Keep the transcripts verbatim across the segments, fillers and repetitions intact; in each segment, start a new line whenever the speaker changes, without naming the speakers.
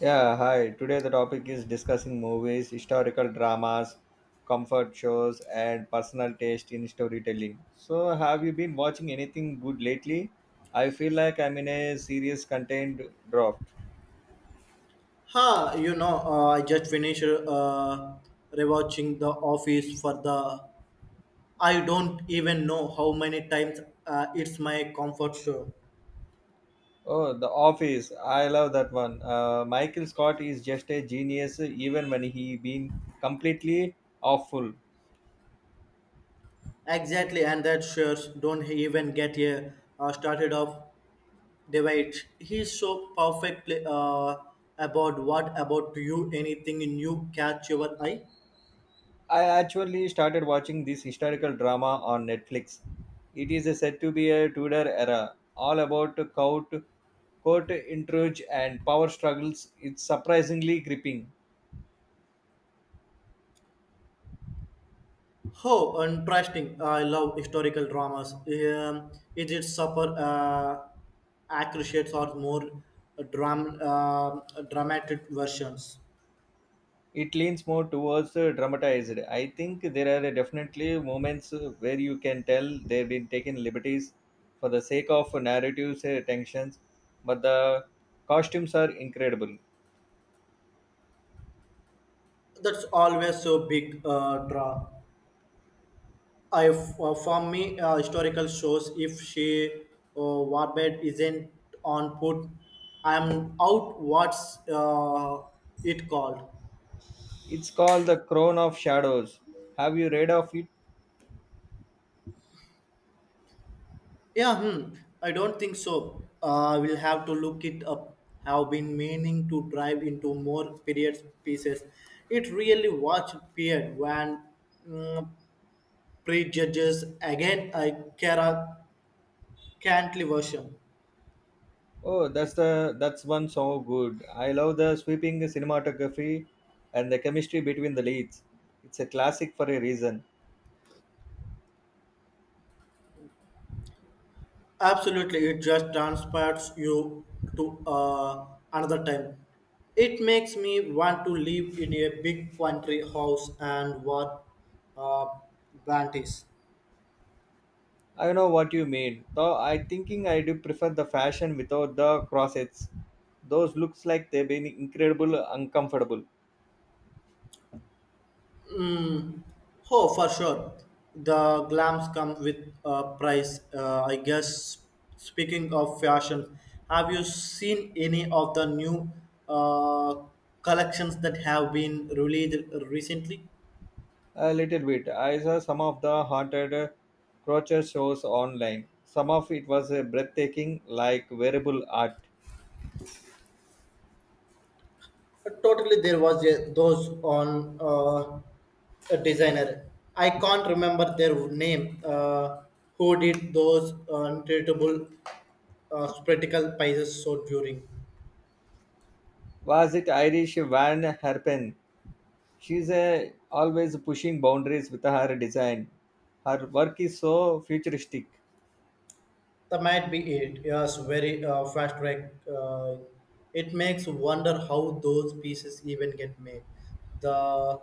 Yeah, hi. Today the topic is discussing movies, historical dramas, comfort shows, and personal taste in storytelling. So, have you been watching anything good lately? I feel like I'm in a serious contained draft.
Ha, you know, uh, I just finished uh, rewatching The Office for the. I don't even know how many times uh, it's my comfort show.
Oh, The Office. I love that one. Uh, Michael Scott is just a genius, even when he been completely awful.
Exactly, and that shows don't even get a uh, started off debate. He's so perfectly uh, about what about you anything new catch your eye?
I actually started watching this historical drama on Netflix. It is said to be a Tudor era, all about court, court intrigue and power struggles. It's surprisingly gripping.
Oh, interesting. I love historical dramas. Um, is it super uh, accurate or more dram- um dramatic versions?
It leans more towards uh, dramatized. I think there are definitely moments uh, where you can tell they've been taking liberties for the sake of narratives uh, tensions, but the costumes are incredible.
That's always so big uh, draw. I uh, for me uh, historical shows. If she uh, Warbed isn't on put, I'm out. What's uh, it called?
It's called The Crown of Shadows. Have you read of it?
Yeah, hmm. I don't think so. Uh, we'll have to look it up. Have been meaning to drive into more period pieces. It really watched period when mm, prejudges again I care a cantley version.
Oh, that's the that's one so good. I love the sweeping cinematography and the chemistry between the leads. It's a classic for a reason.
Absolutely, it just transports you to uh, another time. It makes me want to live in a big country house and work uh, bounties.
I know what you mean. Though I thinking I do prefer the fashion without the corsets. Those looks like they've been incredible uncomfortable.
Oh, for sure. The glams come with a price. Uh, I guess speaking of fashion, have you seen any of the new uh, collections that have been released recently?
A little bit. I saw some of the haunted crochet shows online. Some of it was uh, breathtaking, like wearable art.
Totally, there was a, those on uh, a designer. I can't remember their name. Uh, who did those untraceable uh, spectacle pieces so during?
Was it Irish Van Herpen? she's a, always pushing boundaries with her design. Her work is so futuristic.
That might be it. Yes, very uh, fast track. Uh, it makes wonder how those pieces even get made. The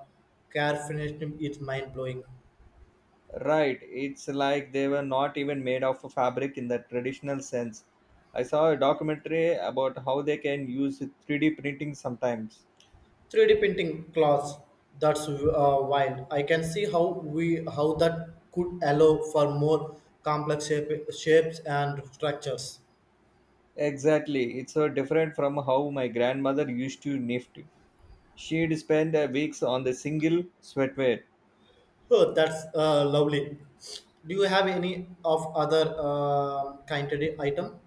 car finished is mind blowing.
Right, it's like they were not even made of fabric in the traditional sense. I saw a documentary about how they can use three D printing sometimes.
three D printing class. That's uh, wild. I can see how we how that could allow for more complex shape, shapes and structures.
Exactly, it's so different from how my grandmother used to knit. She'd spend uh, weeks on the single sweater.
Oh, that's uh, lovely. Do you have any of other uh, kind of item?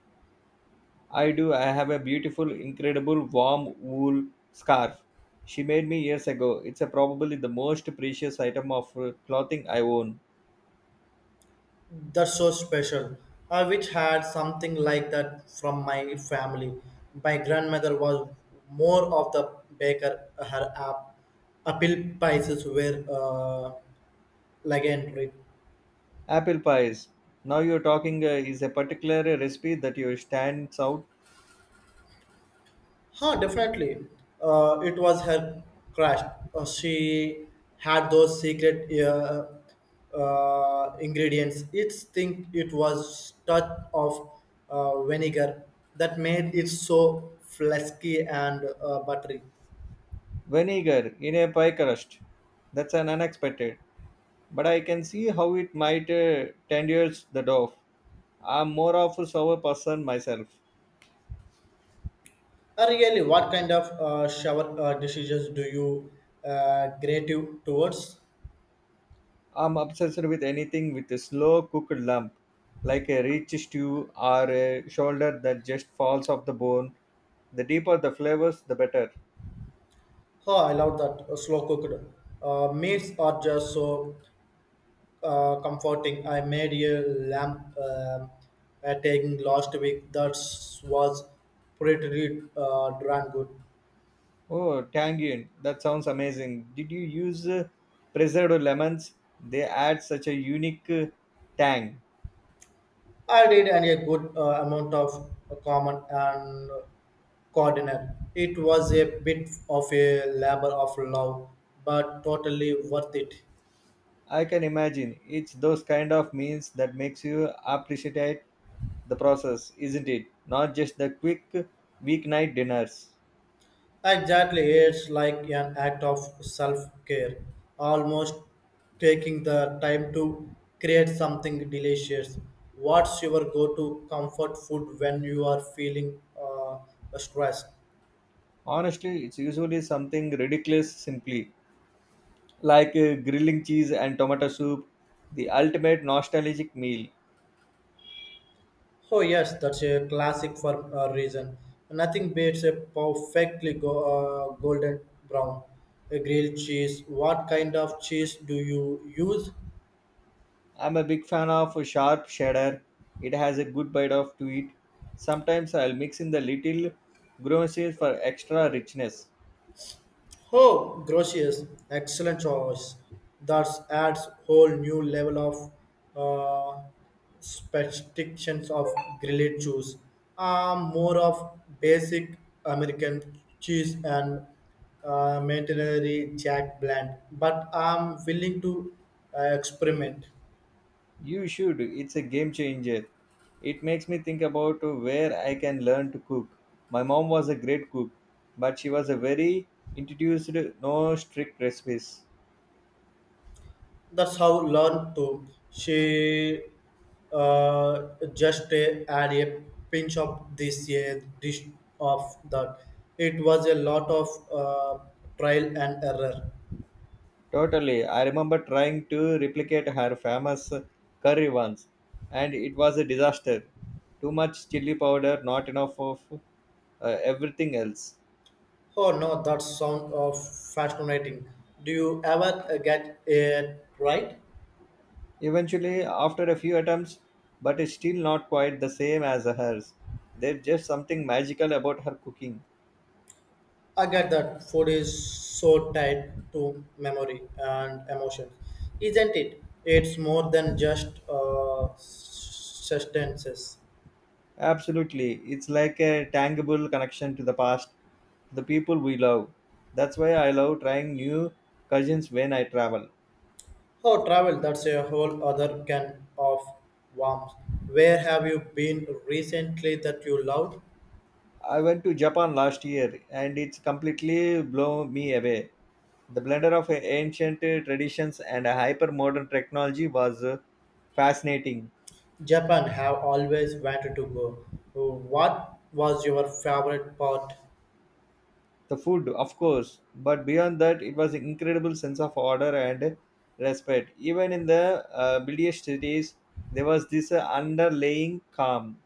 I do. I have a beautiful, incredible warm wool scarf she made me years ago. It's a probably the most precious item of uh, clothing I own.
That's so special. I wish had something like that from my family. My grandmother was more of the baker. Her app, apple pies were uh, legendary.
Apple pies. Now you're talking, uh, is a particular recipe that you stands out.
Huh, definitely. Uh, it was her crash. Uh, she had those secret uh, uh, ingredients. It's think it was touch of uh, vinegar that made it so flasky and uh, buttery.
Vinegar in a pie crust. That's an unexpected. But I can see how it might uh, tenders the dough. I'm more of a sour person myself.
Uh, really, what kind of uh, shower uh, decisions do you uh, gravitate towards?
I'm obsessed with anything with a slow cooked lump, like a rich stew or a shoulder that just falls off the bone. The deeper the flavors, the better.
Oh, I love that uh, slow cooked uh, meals are just so uh, comforting. I made a lamb uh, uh, taking last week that was pretty uh, darn good.
Oh, tangine. That sounds amazing. Did you use uh, preserved lemons? They add such a unique uh, tang.
I did and a good uh, amount of common and coordinate. It was a bit of a labor of love, but totally worth it.
I can imagine. It's those kind of meals that makes you appreciate the process, isn't it? Not just the quick weeknight dinners.
Exactly, it's like an act of self care, almost taking the time to create something delicious. What's your go to comfort food when you are feeling uh, stressed?
Honestly, it's usually something ridiculous simply, like uh, grilling cheese and tomato soup, the ultimate nostalgic meal.
Oh, yes, that's a classic for a reason. Nothing beats a perfectly go- uh, golden brown a grilled cheese. What kind of cheese do you use?
I'm a big fan of a sharp cheddar. It has a good bite of to it. Sometimes I'll mix in the little groceries for extra richness.
Oh, Grotius, excellent choice. That adds whole new level of uh, specifications of grilled cheese. Um, more of basic American cheese and uh, maintenary jack blend, but I'm willing to uh, experiment.
You should. It's a game changer. It makes me think about where I can learn to cook. My mom was a great cook, but she was a very introduced no strict recipes.
That's how learn to she uh, just uh, add a pinch of this a dish of that, it was a lot of uh, trial and error.
Totally. I remember trying to replicate her famous curry once, and it was a disaster. Too much chili powder, not enough of uh, everything else.
Oh no, that sound of fascinating. Do you ever uh, get it right?
Eventually, after a few attempts, but it's still not quite the same as hers. There's just something magical about her cooking.
I get that food is so tied to memory and emotions, isn't it? It's more than just uh, sustenances.
Absolutely. It's like a tangible connection to the past, to the people we love. That's why I love trying new cuisines when I travel.
Oh, travel, that's a whole other can of worms. Where have you been recently that you loved?
I went to Japan last year and it's completely blown me away. The blender of ancient traditions and hyper modern technology was uh, fascinating.
Japan, have always wanted to go. What was your favorite part?
The food, of course, but beyond that, it was an incredible sense of order and respect. Even in the uh, busiest cities, there was this uh, underlying calm.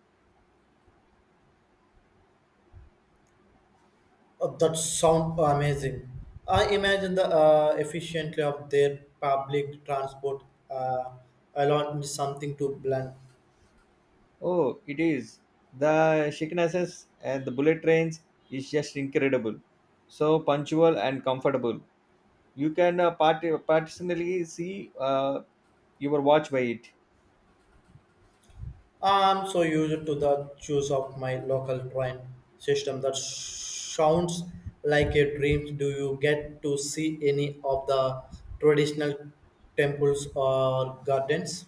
Oh, that sound amazing. I imagine the uh, efficiently of their public transport uh, alone is something to blend.
Oh, it is. The shakiness and the bullet trains is just incredible. So punctual and comfortable. You can uh, part- partitionally see uh, your watch by it.
I'm so used to the juice of my local train system that sounds like a dream. Do you get to see any of the traditional temples or gardens?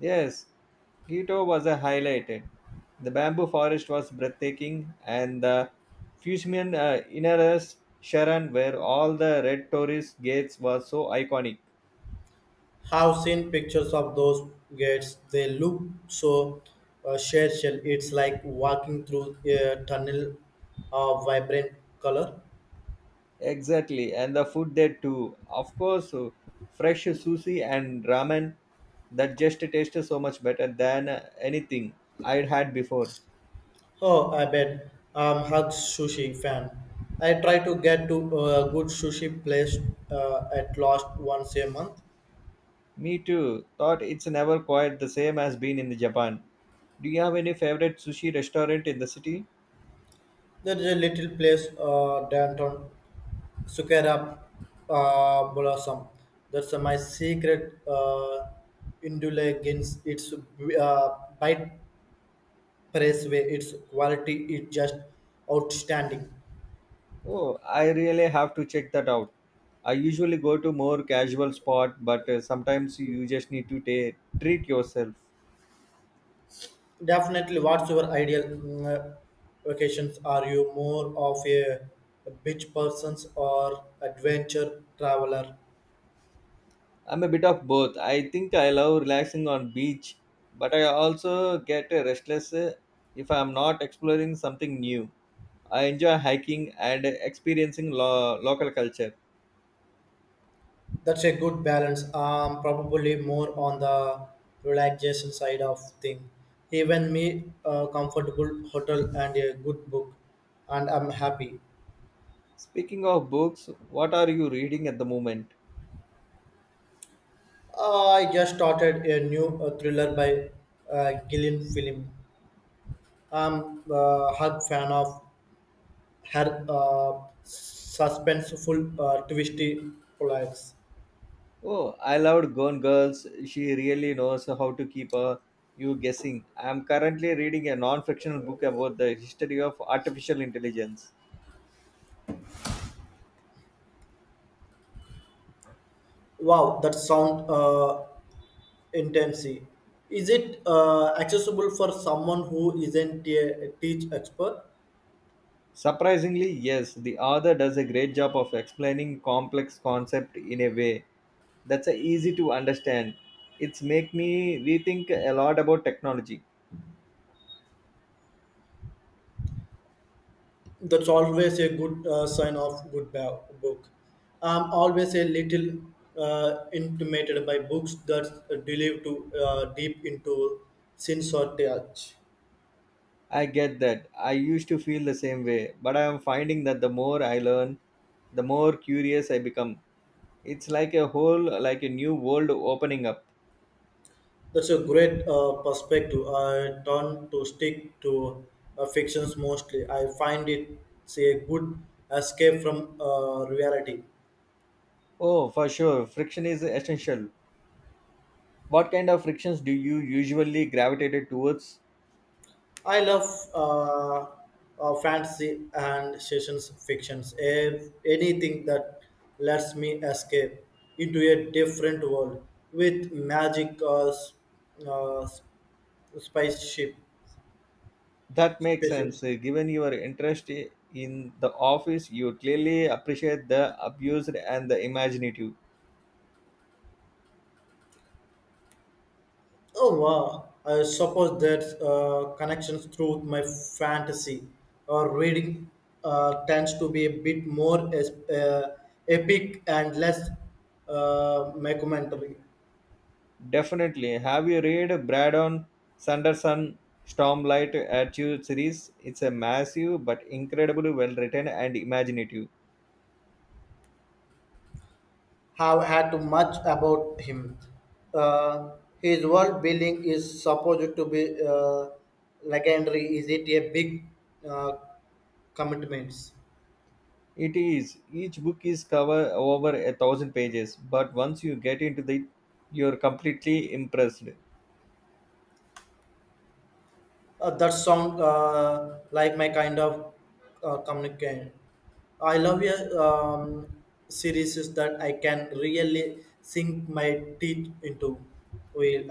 Yes, Quito was a highlighted. The bamboo forest was breathtaking, and the Fusiman uh, Inaras Sharan, where all the red tourist gates were so iconic.
Have seen pictures of those gates. They look so uh, special. It's like walking through a tunnel of vibrant color.
Exactly, and the food there too. Of course, uh, fresh sushi and ramen that just tasted so much better than uh, anything I'd had before.
Oh, I bet I'm hug sushi fan. I try to get to a good sushi place uh, at last once a month.
Me too. Thought it's never quite the same as being in Japan. Do you have any favorite sushi restaurant in the city?
There is a little place uh, downtown Sukera uh, Blossom. That's uh, my secret uh, indulgence. It's uh, bite press way. Its quality is just outstanding.
Oh, I really have to check that out. I usually go to more casual spot, but uh, sometimes you just need to ta treat yourself.
Definitely, what's your ideal mm, uh, vacations? Are you more of a beach persons or adventure traveler?
I'm a bit of both. I think I love relaxing on beach, but I also get uh, restless uh, if I'm not exploring something new. I enjoy hiking and experiencing lo- local culture.
That's a good balance. Um, probably more on the relaxation side of thing. Even me, a comfortable hotel and a good book, and I'm happy.
Speaking of books, what are you reading at the moment?
I just started a new uh, thriller by uh, Gillian Film. I'm a hug fan of her uh, suspenseful uh, twisty plots.
Oh, I loved Gone Girls. She really knows how to keep uh, you guessing. I'm currently reading a non fictional book about the history of artificial intelligence.
Wow, that sound uh, intensity. Is it uh, accessible for someone who isn't a teach expert?
Surprisingly, yes, the author does a great job of explaining complex concept in a way that's uh, easy to understand. It's make me rethink a lot about technology.
That's always a good uh, sign of good ba- book. I'm always a little uh, intimidated by books that delve to uh, deep into sins or touch.
I get that. I used to feel the same way, but I am finding that the more I learn, the more curious I become. It's like a whole, like a new world opening up.
That's a great uh, perspective. I tend to stick to uh, fictions mostly. I find it say, a good escape from uh, reality.
Oh, for sure. Friction is essential. What kind of frictions do you usually gravitate towards?
I love uh, uh, fantasy and sessions fictions. If anything that lets me escape into a different world with magic or s- uh, s- spaceship
That makes sense.
spaceships.
Uh, Given your interest i- in the office, you clearly appreciate the abused and the imaginative.
Oh wow! I suppose that uh, connections through my fantasy or reading uh, tends to be a bit more es- uh, epic and less uh, mockumentary.
Definitely. Have you read Brandon Sanderson Stormlight Attitude series? It's a massive but incredibly well written and imaginative.
Have had to much about him. Uh, his world building is supposed to be uh, legendary. Is it a big uh, commitments?
It is. Each book is cover over a thousand pages, but once you get into the, you're completely impressed.
Uh, that sound uh, like my kind of uh, communicant. I love your um, series is that I can really sink my teeth into. Well,